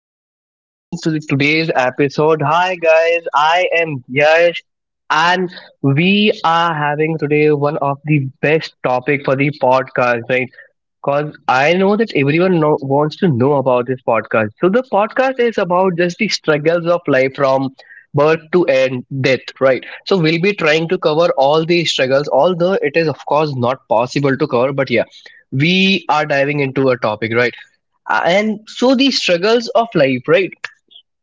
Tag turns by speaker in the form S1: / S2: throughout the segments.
S1: everyone to today's episode. Hi guys, I am Yash and we are having today one of the best topic for the podcast, right? Cause I know that wants to know about this podcast. So the podcast is about just the struggles of life from birth to end death, right? So we'll be trying to cover all the struggles, although it is of course not possible to cover, but yeah, we are diving into a topic, right. And so the struggles of life, right.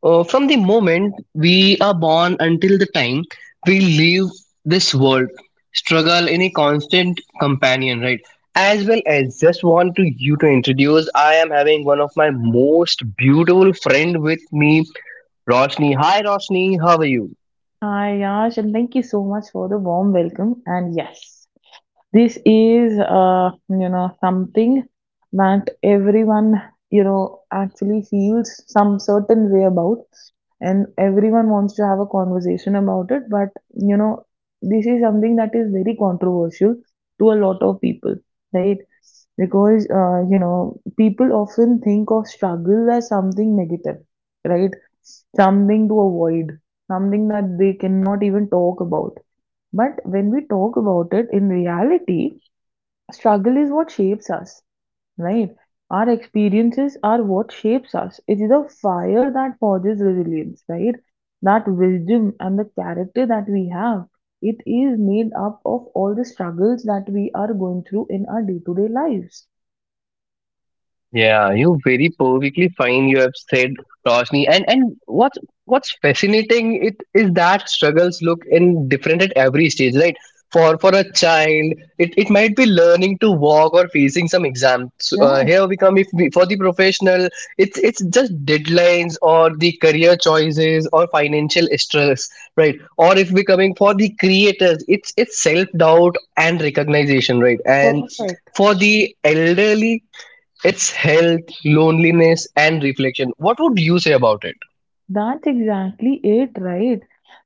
S1: From the moment we are born until the time we leave this world, struggle in a constant companion, right, as well as just want to you to introduce, I am having one of my most beautiful friend with me, Roshni. Hi Roshni, how are you?
S2: Hi, Yash, and thank you so much for the warm welcome. And yes, this is you know something that everyone, you know, actually feels some certain way about, and everyone wants to have a conversation about it. But you know this is something that is very controversial to a lot of people, right? Because you know people often think of struggle as something negative, right? Something to avoid, something that they cannot even talk about. But when we talk about it in reality, struggle is what shapes us, right? Our experiences are what shapes us. It is the fire that forges resilience, right? That wisdom and the character that we have, it is made up of all the struggles that we are going through in our day to day lives.
S1: Yeah, you very perfectly fine. You have said, Roshni, and what's fascinating it is that struggles look in different at every stage, right? For a child, it might be learning to walk or facing some exams.
S2: Right.
S1: Here we come if we, for the professional, it's just deadlines or the career choices or financial stress, right? Or if we coming for the creators, it's self doubt and recognition, right? And
S2: Perfect.
S1: for the elderly it's health, loneliness, and reflection. What would you say about it?
S2: That's exactly it, right?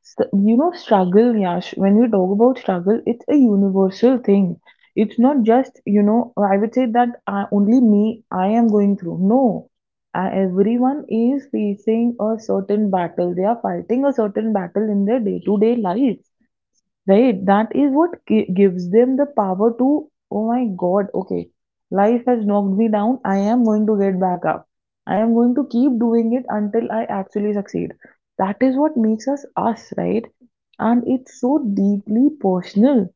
S2: So, you know, struggle, Yash, when we talk about struggle, it's a universal thing. It's not just, you know, I would say that only me, I am going through. No, everyone is facing a certain battle. They are fighting a certain battle in their day-to-day life. Right? That is what gives them the power to, oh my God, okay, life has knocked me down. I am going to get back up. I am going to keep doing it until I actually succeed. That is what makes us us, right? And it's so deeply personal.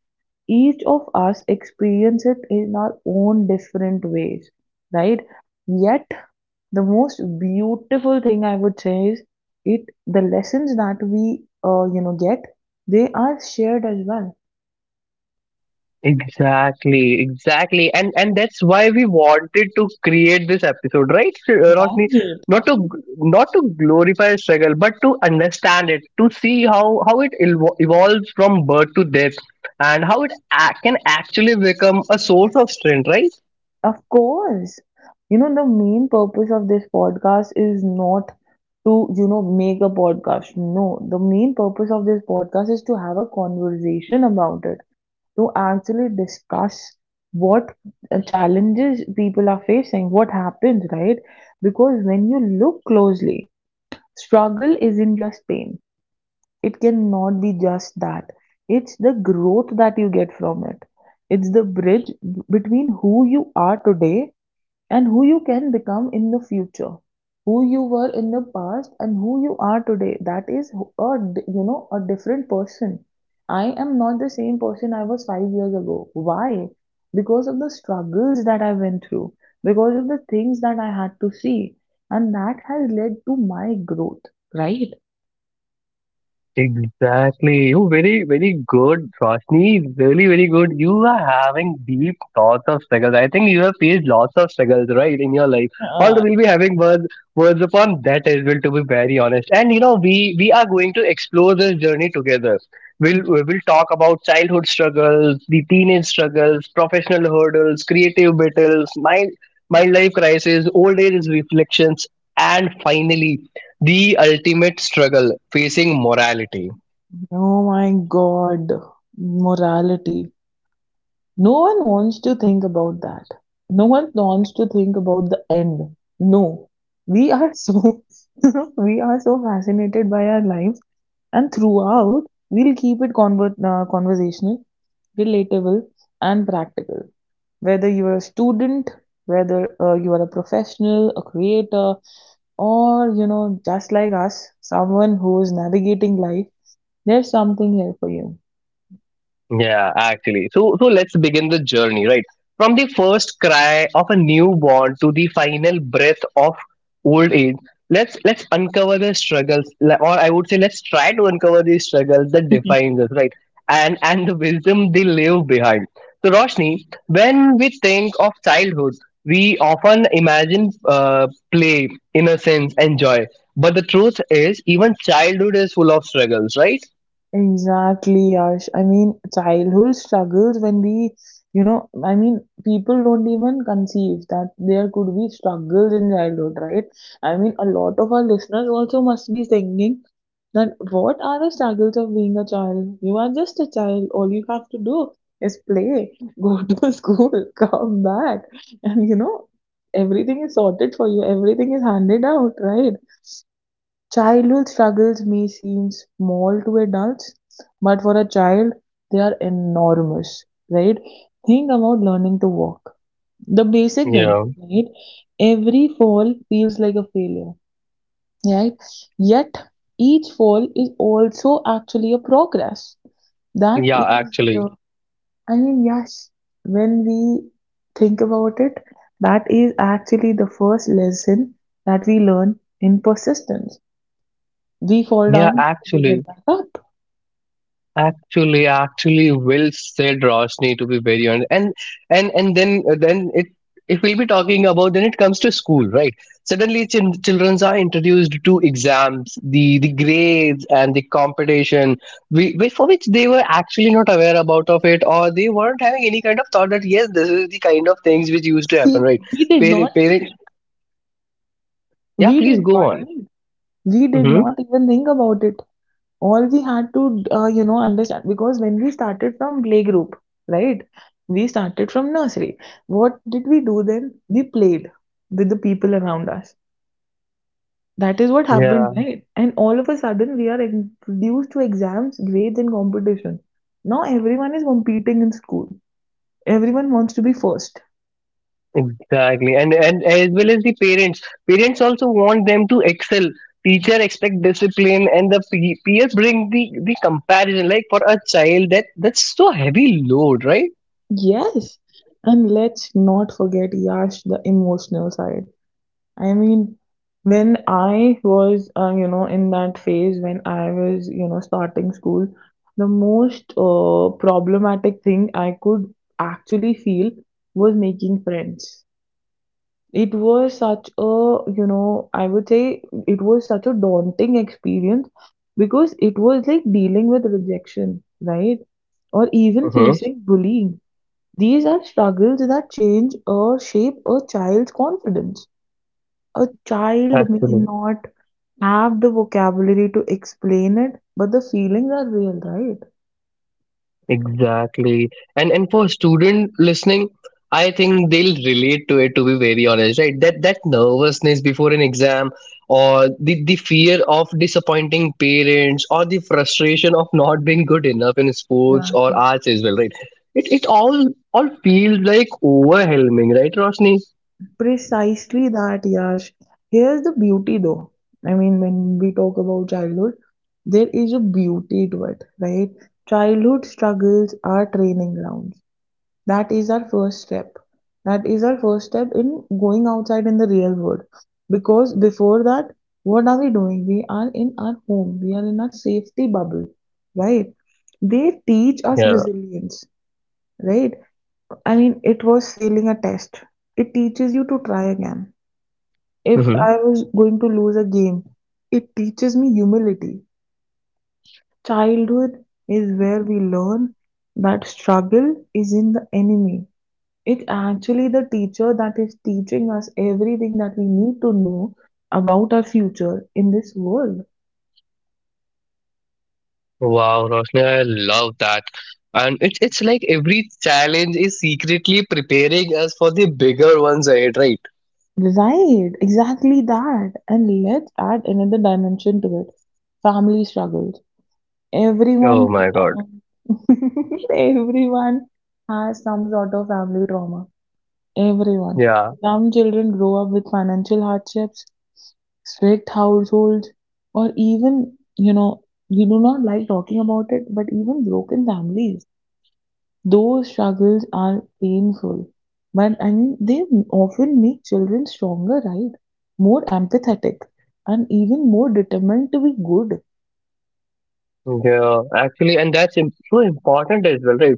S2: Each of us experience it in our own different ways, right? Yet the most beautiful thing I would say is it the lessons that we you know get, they are shared as well.
S1: Exactly, exactly, and that's why we wanted to create this episode, right, Roshni?
S2: Right,
S1: Not to not to glorify struggle, but to understand it, to see how it evolves from birth to death, and how it can actually become a source of strength, right?
S2: of course. You know, the main purpose of this podcast is not to, you know, make a podcast. No, the main purpose of this podcast is to have a conversation about it, to actually discuss what challenges people are facing, what happens, right? Because when you look closely, struggle isn't just pain. It cannot be just that. It's the growth that you get from it. It's the bridge between who you are today and who you can become in the future, who you were in the past and who you are today. That is a you know a different person. I am not the same person I was 5 years ago. Why? Because of the struggles that I went through, because of the things that I had to see, and that has led to my growth, right?
S1: Exactly. You very, very good, Roshni. Really, very good. You are having deep thoughts of struggles. I think you have faced lots of struggles, right, in your life. Although
S2: uh,
S1: we'll be having words upon that as well, to be very honest. And you know, we are going to explore this journey together. We'll talk about childhood struggles, the teenage struggles, professional hurdles, creative battles, mind life crisis, old age reflections, and finally the ultimate struggle facing morality.
S2: oh my god, morality. No one wants to think about that. No one wants to think about the end. No. We are so you know, we are so fascinated by our lives. And throughout we'll keep it conversational, relatable and practical. Whether you're a student, whether you are a professional, a creator, or you know just like us, someone who is navigating life, there's something here for you.
S1: Yeah, actually. So let's begin the journey, right? From the first cry of a newborn to the final breath of old age. Let's uncover the struggles, or I would say, let's try to uncover the struggles that defines us, right? And the wisdom they leave behind. So, Roshni, when we think of childhood, we often imagine play, innocence, and joy. But the truth is, even childhood is full of struggles, right?
S2: Exactly, Yash. I mean, childhood struggles, when we, you know, I mean, people don't even conceive that there could be struggles in childhood, right? I mean, a lot of our listeners also must be thinking that what are the struggles of being a child? You are just a child. All you have to do is play, go to school, come back, and you know, everything is sorted for you, everything is handed out, right? Childhood struggles may seem small to adults, but for a child, they are enormous, right? Think about learning to walk. The basic thing,
S1: Yeah,
S2: right? Every fall feels like a failure, right? Yet, each fall is also actually a progress. That
S1: yeah,
S2: is
S1: actually,
S2: the, I mean, yes, when we think about it, that is actually the first lesson that we learn in persistence. We fall
S1: yeah,
S2: down, we get
S1: actually.
S2: back up.
S1: Actually, well said, Roshni. To be very honest. And then it, if we'll be talking about, then it comes to school, right? Suddenly, children are introduced to exams, the grades and the competition, for which they were actually not aware about of it, or they weren't having any kind of thought that yes, this is the kind of things which used to happen,
S2: See,
S1: right? Parents, yeah,
S2: we
S1: please
S2: did
S1: go
S2: not,
S1: on.
S2: right? We did
S1: Mm-hmm.
S2: not even think about it. All we had to, you know, understand. Because when we started from playgroup, right? We started from nursery. What did we do then? We played with the people around us. That is what happened, right? And all of a sudden, we are introduced to exams, grades, and competition. Now everyone is competing in school. Everyone wants to be first.
S1: Exactly, and as well as the parents, also want them to excel. Teacher expect discipline, and the peers bring the comparison. Like for a child, that's so heavy load, right?
S2: Yes, and let's not forget Yash, the emotional side. I mean, when I was, you know, in that phase when I was, you know, starting school, the most problematic thing I could actually feel was making friends. It was such a, you know, I would say it was such a daunting experience because it was like dealing with rejection, right? Or even
S1: Mm-hmm.
S2: facing bullying, these are struggles that change or shape a child's confidence. A child may
S1: Actually.
S2: not have the vocabulary to explain it, but the feelings are real, right?
S1: Exactly. And for student listening, I think they'll relate to it to be very honest, right? That nervousness before an exam or the fear of disappointing parents or the frustration of not being good enough in sports
S2: Yeah.
S1: or arts as well, right? It all feels like overwhelming, right, Roshni?
S2: Precisely that, Yash. Here's the beauty though. I mean, when we talk about childhood, there is a beauty to it, right? Childhood struggles are training grounds. That is our first step. That is our first step in going outside in the real world. Because before that, what are we doing? We are in our home, we are in our safety bubble, right? They teach us
S1: Yeah.
S2: resilience, right? I mean, it was failing a test, it teaches you to try again. If
S1: Hmm.
S2: I was going to lose a game, it teaches me humility. Childhood is where we learn that struggle is in the enemy. It actually the teacher that is teaching us everything that we need to know about our future in this world.
S1: Wow, Roshni, I love that. And it's like every challenge is secretly preparing us for the bigger ones ahead, right?
S2: Right, exactly that. And let's add another dimension to it. Family struggles.
S1: Oh
S2: Everyone,
S1: my God.
S2: um, everyone has some sort of family trauma. Everyone.
S1: Yeah.
S2: Some children grow up with financial hardships, strict households, or even, you know, we do not like talking about it, but even broken families. Those struggles are painful, but I mean, they often make children stronger, right? More empathetic, and even more determined to be good.
S1: Yeah. Actually, and that's so important as well, right?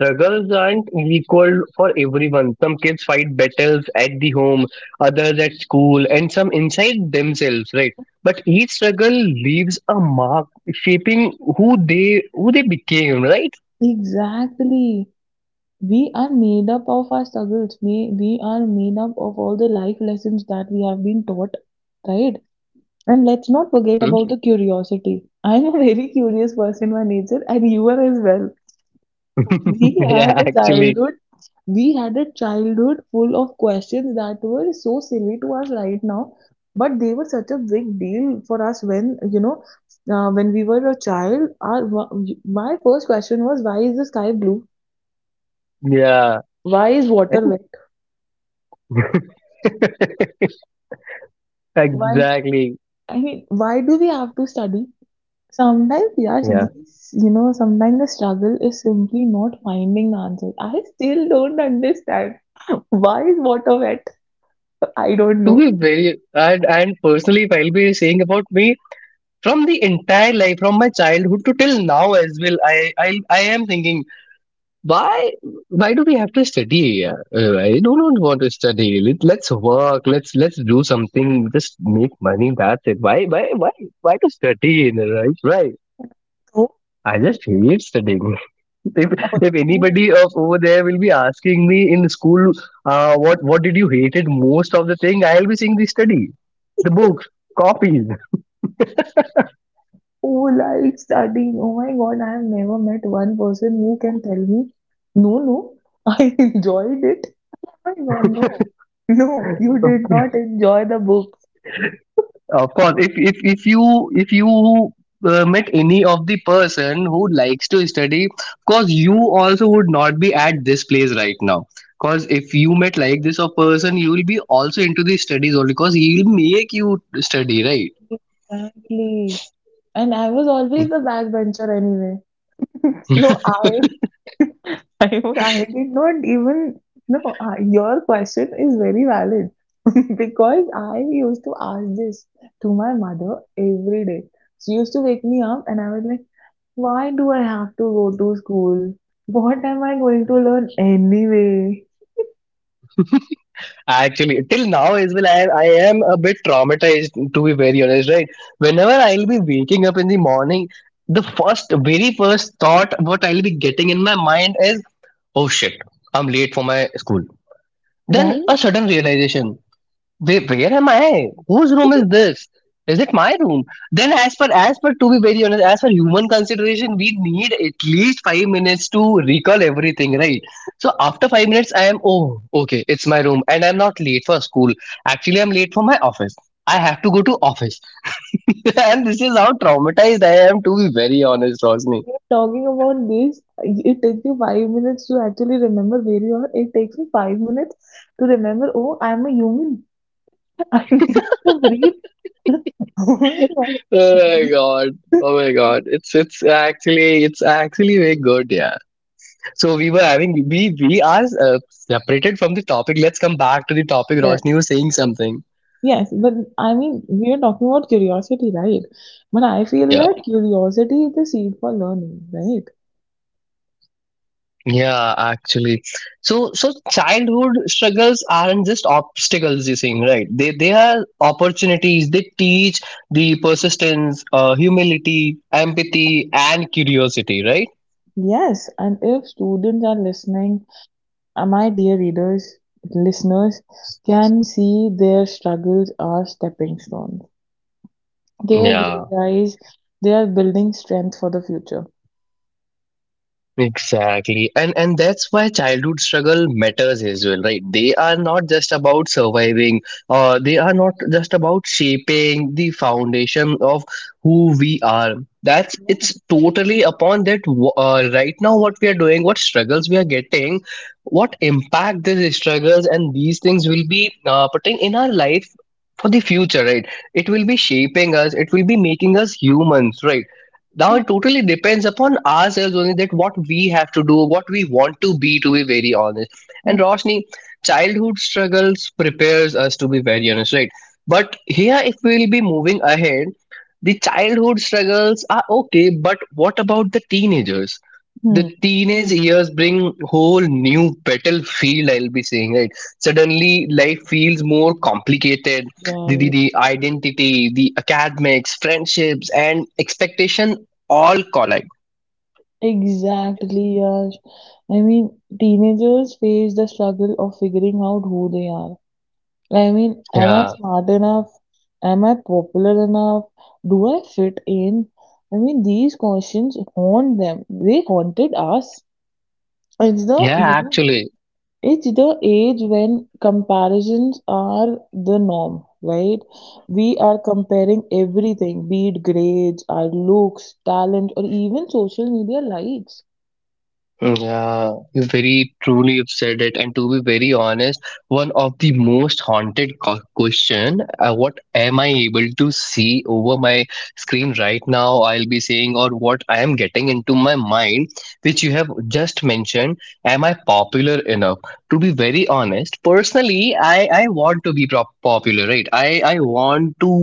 S1: Struggles aren't equal for everyone. Some kids fight battles at the home, others at school, and some inside themselves, right? But each struggle leaves a mark, shaping who they became, right?
S2: Exactly. We are made up of our struggles. We are made up of all the life lessons that we have been taught, right? And let's not forget
S1: Hmm?
S2: about the curiosity. I'm a very curious person by nature, and you are as well. We
S1: yeah,
S2: had a
S1: actually,
S2: childhood, we had a childhood full of questions that were so silly to us right now, but they were such a big deal for us when, you know, when we were a child. My first question was, why is the sky blue?
S1: yeah.
S2: Why is water wet? Why?
S1: exactly.
S2: I mean, why do we have to study? Sometimes, yes,
S1: Yeah.
S2: these, you know, sometimes the struggle is simply not finding the answer. I still don't understand why is water wet? I don't
S1: To
S2: know.
S1: be very, and personally, if I'll be saying about me, from the entire life from my childhood to till now as well i, I am thinking why do we have to study. I do not want to study. Let's work, let's do something just make money, that's it, why to study, right, right.
S2: So,
S1: I just hate studying. If, if
S2: who
S1: anybody of over there will be asking me in school, what did you hated most of the thing, I'll be saying the study, the books, copies.
S2: who likes studying? Oh my God, I have never met one person who can tell me, no, no, I enjoyed it. Oh my God, no, no, you did not enjoy the book.
S1: Of course, if you met any of the person who likes to study, of course you also would not be at this place right now. Because if you met like this of person, you will be also into the studies only. Because he will make you study, right?
S2: Exactly. And I was always the backbencher anyway. So I I did not even no. Your question is very valid because I used to ask this to my mother every day. She used to wake me up, and I was like, "Why do I have to go to school? What am I going to learn anyway?"
S1: Actually, till now as well, I am a bit traumatized to be very honest, right? Whenever I'll be waking up in the morning, the first, very first thought what I'll be getting in my mind is, oh shit, I'm late for my school. Then a
S2: Right?
S1: sudden realization. Where am I? Whose room is this? Is it my room? Then as per to be very honest, as per human consideration, we need at least 5 minutes to recall everything, right? So after 5 minutes I am oh okay, it's my room and I'm not late for school. Actually I'm late for my office. I have to go to office. and this is how traumatized I am to be very honest, Rosni.
S2: Talking about this, it takes you 5 minutes to actually remember where you are. It takes me 5 minutes to remember, oh, I'm a human. I need to breathe. Oh my God.
S1: Oh my god. Oh my god. It's actually very good, yeah. So we were having we are separated from the topic. Let's come back to the topic. Roshni
S2: Yes.
S1: was saying something.
S2: Yes, but I mean, we are talking about curiosity, right? But I feel
S1: Yeah,
S2: that curiosity is the seed for learning, right?
S1: yeah, actually. So childhood struggles aren't just obstacles. You're saying right? They are opportunities. They teach the persistence, humility, empathy, and curiosity. Right?
S2: Yes, and if students are listening, my dear readers, listeners, can see their struggles are stepping stones. They'll
S1: Yeah.
S2: realize they are building strength for the future.
S1: Exactly. And that's why childhood struggle matters as well, right? They are not just about surviving, or they are not just about shaping the foundation of who we are. That's
S2: Yeah.
S1: it's totally upon that right now what we are doing, what struggles we are getting, what impact these struggles and these things will be putting in our life for the future, right? It will be shaping us, it will be making us humans, right? Now
S2: Mhm.
S1: it totally depends upon ourselves only that what we have to do, what we want to be, to be very honest. And Roshni, childhood struggles prepares us, to be very honest, right? But here if we will be moving ahead, the childhood struggles are okay, but what about the teenagers? The
S2: Hmm.
S1: teenage years bring whole new battlefield, I'll be saying, right? Suddenly life feels more complicated, the, the,
S2: Right.
S1: the identity, the academics, friendships and expectation all collide.
S2: Exactly, Yash. I mean, teenagers face the struggle of figuring out who they are. I mean, am I
S1: Yeah,
S2: smart enough? Am I popular enough? Do I fit in? I mean, these questions haunt them. They haunted us. It's the,
S1: yeah,
S2: you know,
S1: actually.
S2: it's the age when comparisons are the norm, right? We are comparing everything, be it grades, our looks, talent, or even social media likes.
S1: You very truly have said it, and to be very honest, one of the most haunted question: What am I able to see over my screen right now? I'll be saying, or what I am getting into my mind, which you have just mentioned. Am I popular enough? To be very honest, personally, I want to be popular, right? I want to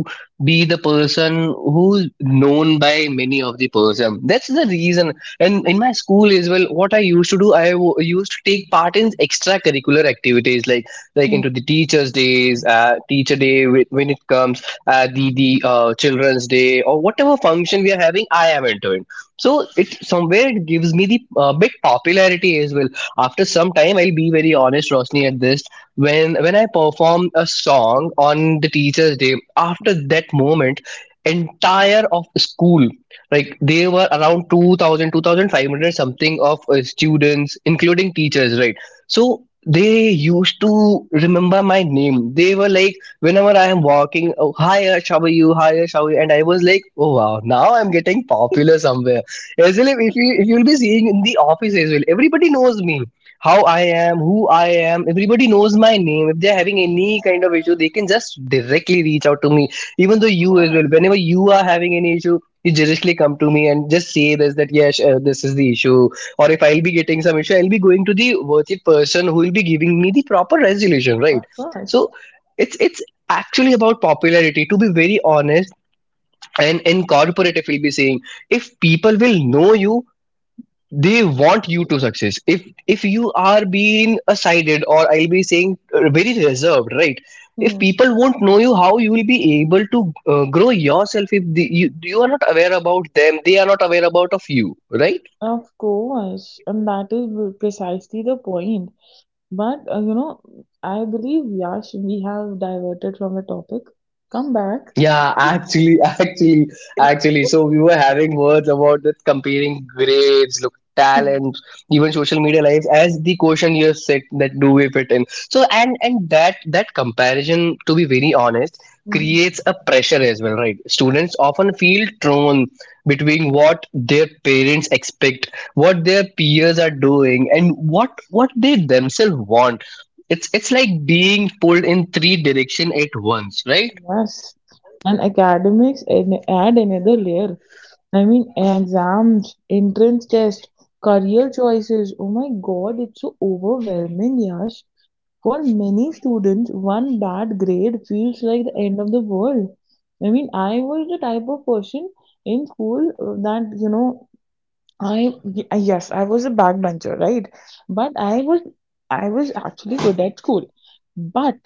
S1: be the person who's known by many of the person, that's the reason. And in my school as well, what I used to do, used to take part in extracurricular activities like
S2: Hmm.
S1: into the teachers days, teacher day, when it comes, the children's day or whatever function we are having, I am into it. So it somewhere it gives me the big popularity as well. After some time I'll be very honest, Rosni, at this, when I performed a song on the teachers day, after that moment, entire of school, like they were around 2,000, 2,500 something of students including teachers, right? So they used to remember my name, they were like, whenever I am walking, oh, hi Ash, how are you, hi Ash, how are you, and I was like, oh wow, now I'm getting popular somewhere as well. If you'll be seeing in the office as well, everybody knows me, how I am, who I am, everybody knows my name, if they're having any kind of issue they can just directly reach out to me. Even though
S2: Of
S1: you as well,
S2: course,
S1: whenever you are having an issue, you directly come to me and just say this that yes, this is the issue. Or if I'll be getting some issue, I'll be going to the worthy person who will be giving me the proper resolution, right?
S2: of course.
S1: So it's actually about popularity to Be very honest. And in corporate, if we'll be saying, if people will know you, they want you to success. If you are being a sided, or I'll be saying, very reserved, right? If
S2: Hmm.
S1: people won't know you, how you will be able to grow yourself if you are not aware about them, they are not aware about of you, right?
S2: Of course, and that is precisely the point. But you know, I believe Yash, we have diverted from the topic. Come back.
S1: Yeah, actually, actually. So we were having words about that, comparing grades, look, talent, even social media lives as the question you have said, that do we fit in. So and that comparison, to be very honest,
S2: Hmm.
S1: creates a pressure as well, right? Students often feel torn between what their parents expect, what their peers are doing, and what they themselves want. It's like being pulled in three direction at once, right?
S2: Yes, and academics add another layer. I mean, exams, entrance tests, career choices. Oh my God, it's so overwhelming, Yash. For many students, one bad grade feels like the end of the world. I mean, I was the type of person in school that, you know, yes, I was a backbencher, right? But I was, I was actually good at school. But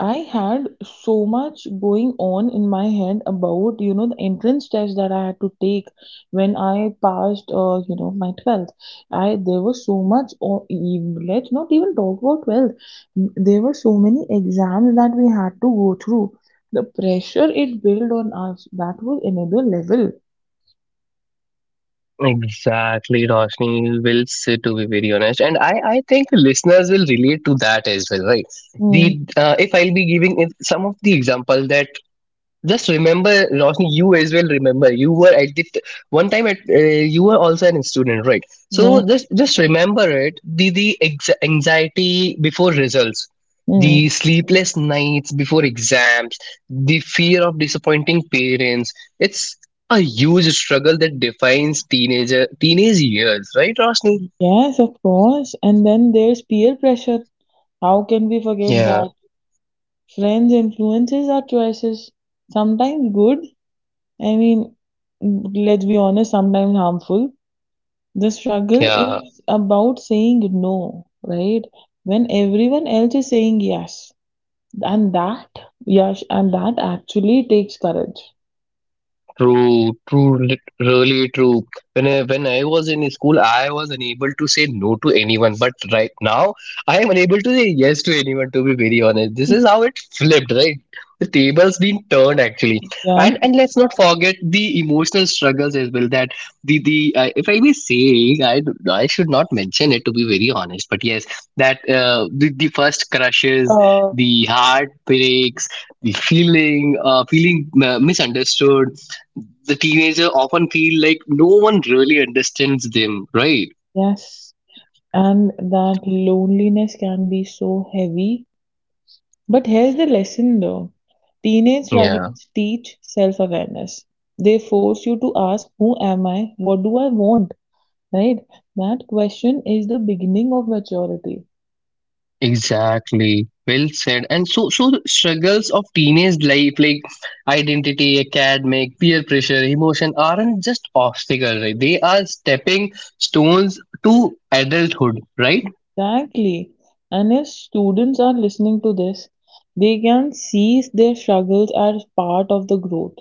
S2: I had so much going on in my head about, you know, the entrance test that I had to take when I passed, you know, my 12th. I, there was so much, or even, let's not even talk about 12th. There were so many exams that we had to go through. The pressure it built on us, that was another level.
S1: Exactly, Roshni, will say to be very honest, and I think listeners will relate to that as well, right?
S2: Mm,
S1: The If I'll be giving some of the examples that, just remember, Roshni, you as well remember. You were at one time at you were also an student, right? So
S2: yeah.
S1: just remember it. The anxiety before results,
S2: Mm,
S1: the sleepless nights before exams, the fear of disappointing parents. It's a huge struggle that defines teenage years, right, Roshni?
S2: yes, of course. And then there's peer pressure. How can we forget
S1: Yeah,
S2: that? Friends' influences are choices, sometimes good, I mean, let's be honest, sometimes harmful. The struggle
S1: yeah.
S2: is about saying no, right? When everyone else is saying yes. And that, yes, and that actually takes courage.
S1: True, true, really true. When I was in school, I was unable to say no to anyone. But right now, I am unable to say yes to anyone. To be very honest, this is how it flipped, right? The tables being turned, actually, and
S2: Right?
S1: and let's not forget the emotional struggles as well. That the if I may say, I should not mention it, to be very honest. But yes, that the first crushes,
S2: Uh,
S1: the heartbreaks, the feeling, feeling misunderstood, the teenager often feel like no one really understands them, right?
S2: yes. And that loneliness can be so heavy. But here's the lesson though, teenage
S1: Yeah,
S2: struggles teach self awareness. They force you to ask, who am I? What do I want? Right? That question is the beginning of maturity.
S1: exactly. Well said. And so the struggles of teenage life, like identity, academic, peer pressure, emotion, aren't just obstacles, right? They are stepping stones to adulthood, right?
S2: Exactly. And if students are listening to this, they can see their struggles as part of the growth.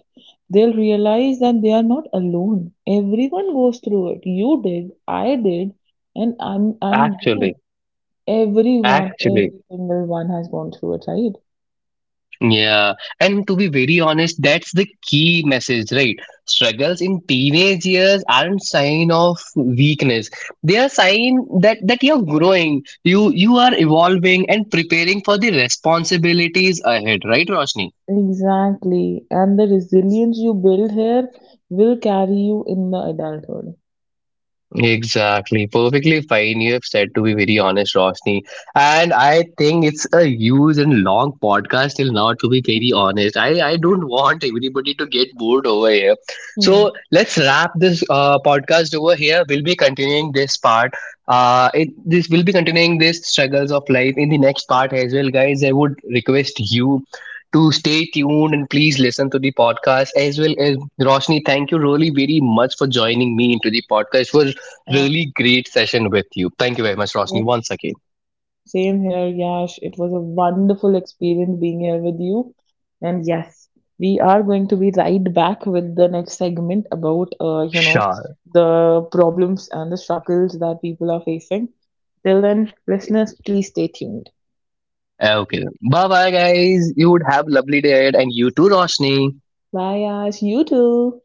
S2: They'll realize that they are not alone. Everyone goes through it. You did, I did, and I'm
S1: Actually,
S2: everyone,
S1: actually.
S2: every single one has gone through it, right?
S1: Yeah, and to be very honest, that's the key message, right? Struggles in teenage years aren't sign of weakness. They are sign that you're growing, you are evolving and preparing for the responsibilities ahead, right, Roshni?
S2: Exactly. And the resilience you build here will carry you in the adulthood.
S1: Exactly. Perfectly fine you have said, to be very honest, Roshni. And I think it's a huge and long podcast till now, to be very honest. I don't want everybody to get bored over here.
S2: Hmm.
S1: So let's wrap this podcast over here. We'll be continuing this part. This will be continuing this struggles of life in the next part as well, guys. I would request you to stay tuned and please listen to the podcast as well. As Roshni, thank you really very much for joining me into the podcast. It was
S2: Yeah.
S1: really great session with you. Thank you very much,
S2: Okay.
S1: Rosni, once again.
S2: Same here, Yash. It was a wonderful experience being here with you. And yes, we are going to be right back with the next segment about, you know,
S1: Sure.
S2: the problems and the struggles that people are facing. Till then, listeners, please stay tuned.
S1: Okay. Bye bye, guys. You would have lovely day ahead, and you too, Rosni.
S2: Bye, Yash. You too.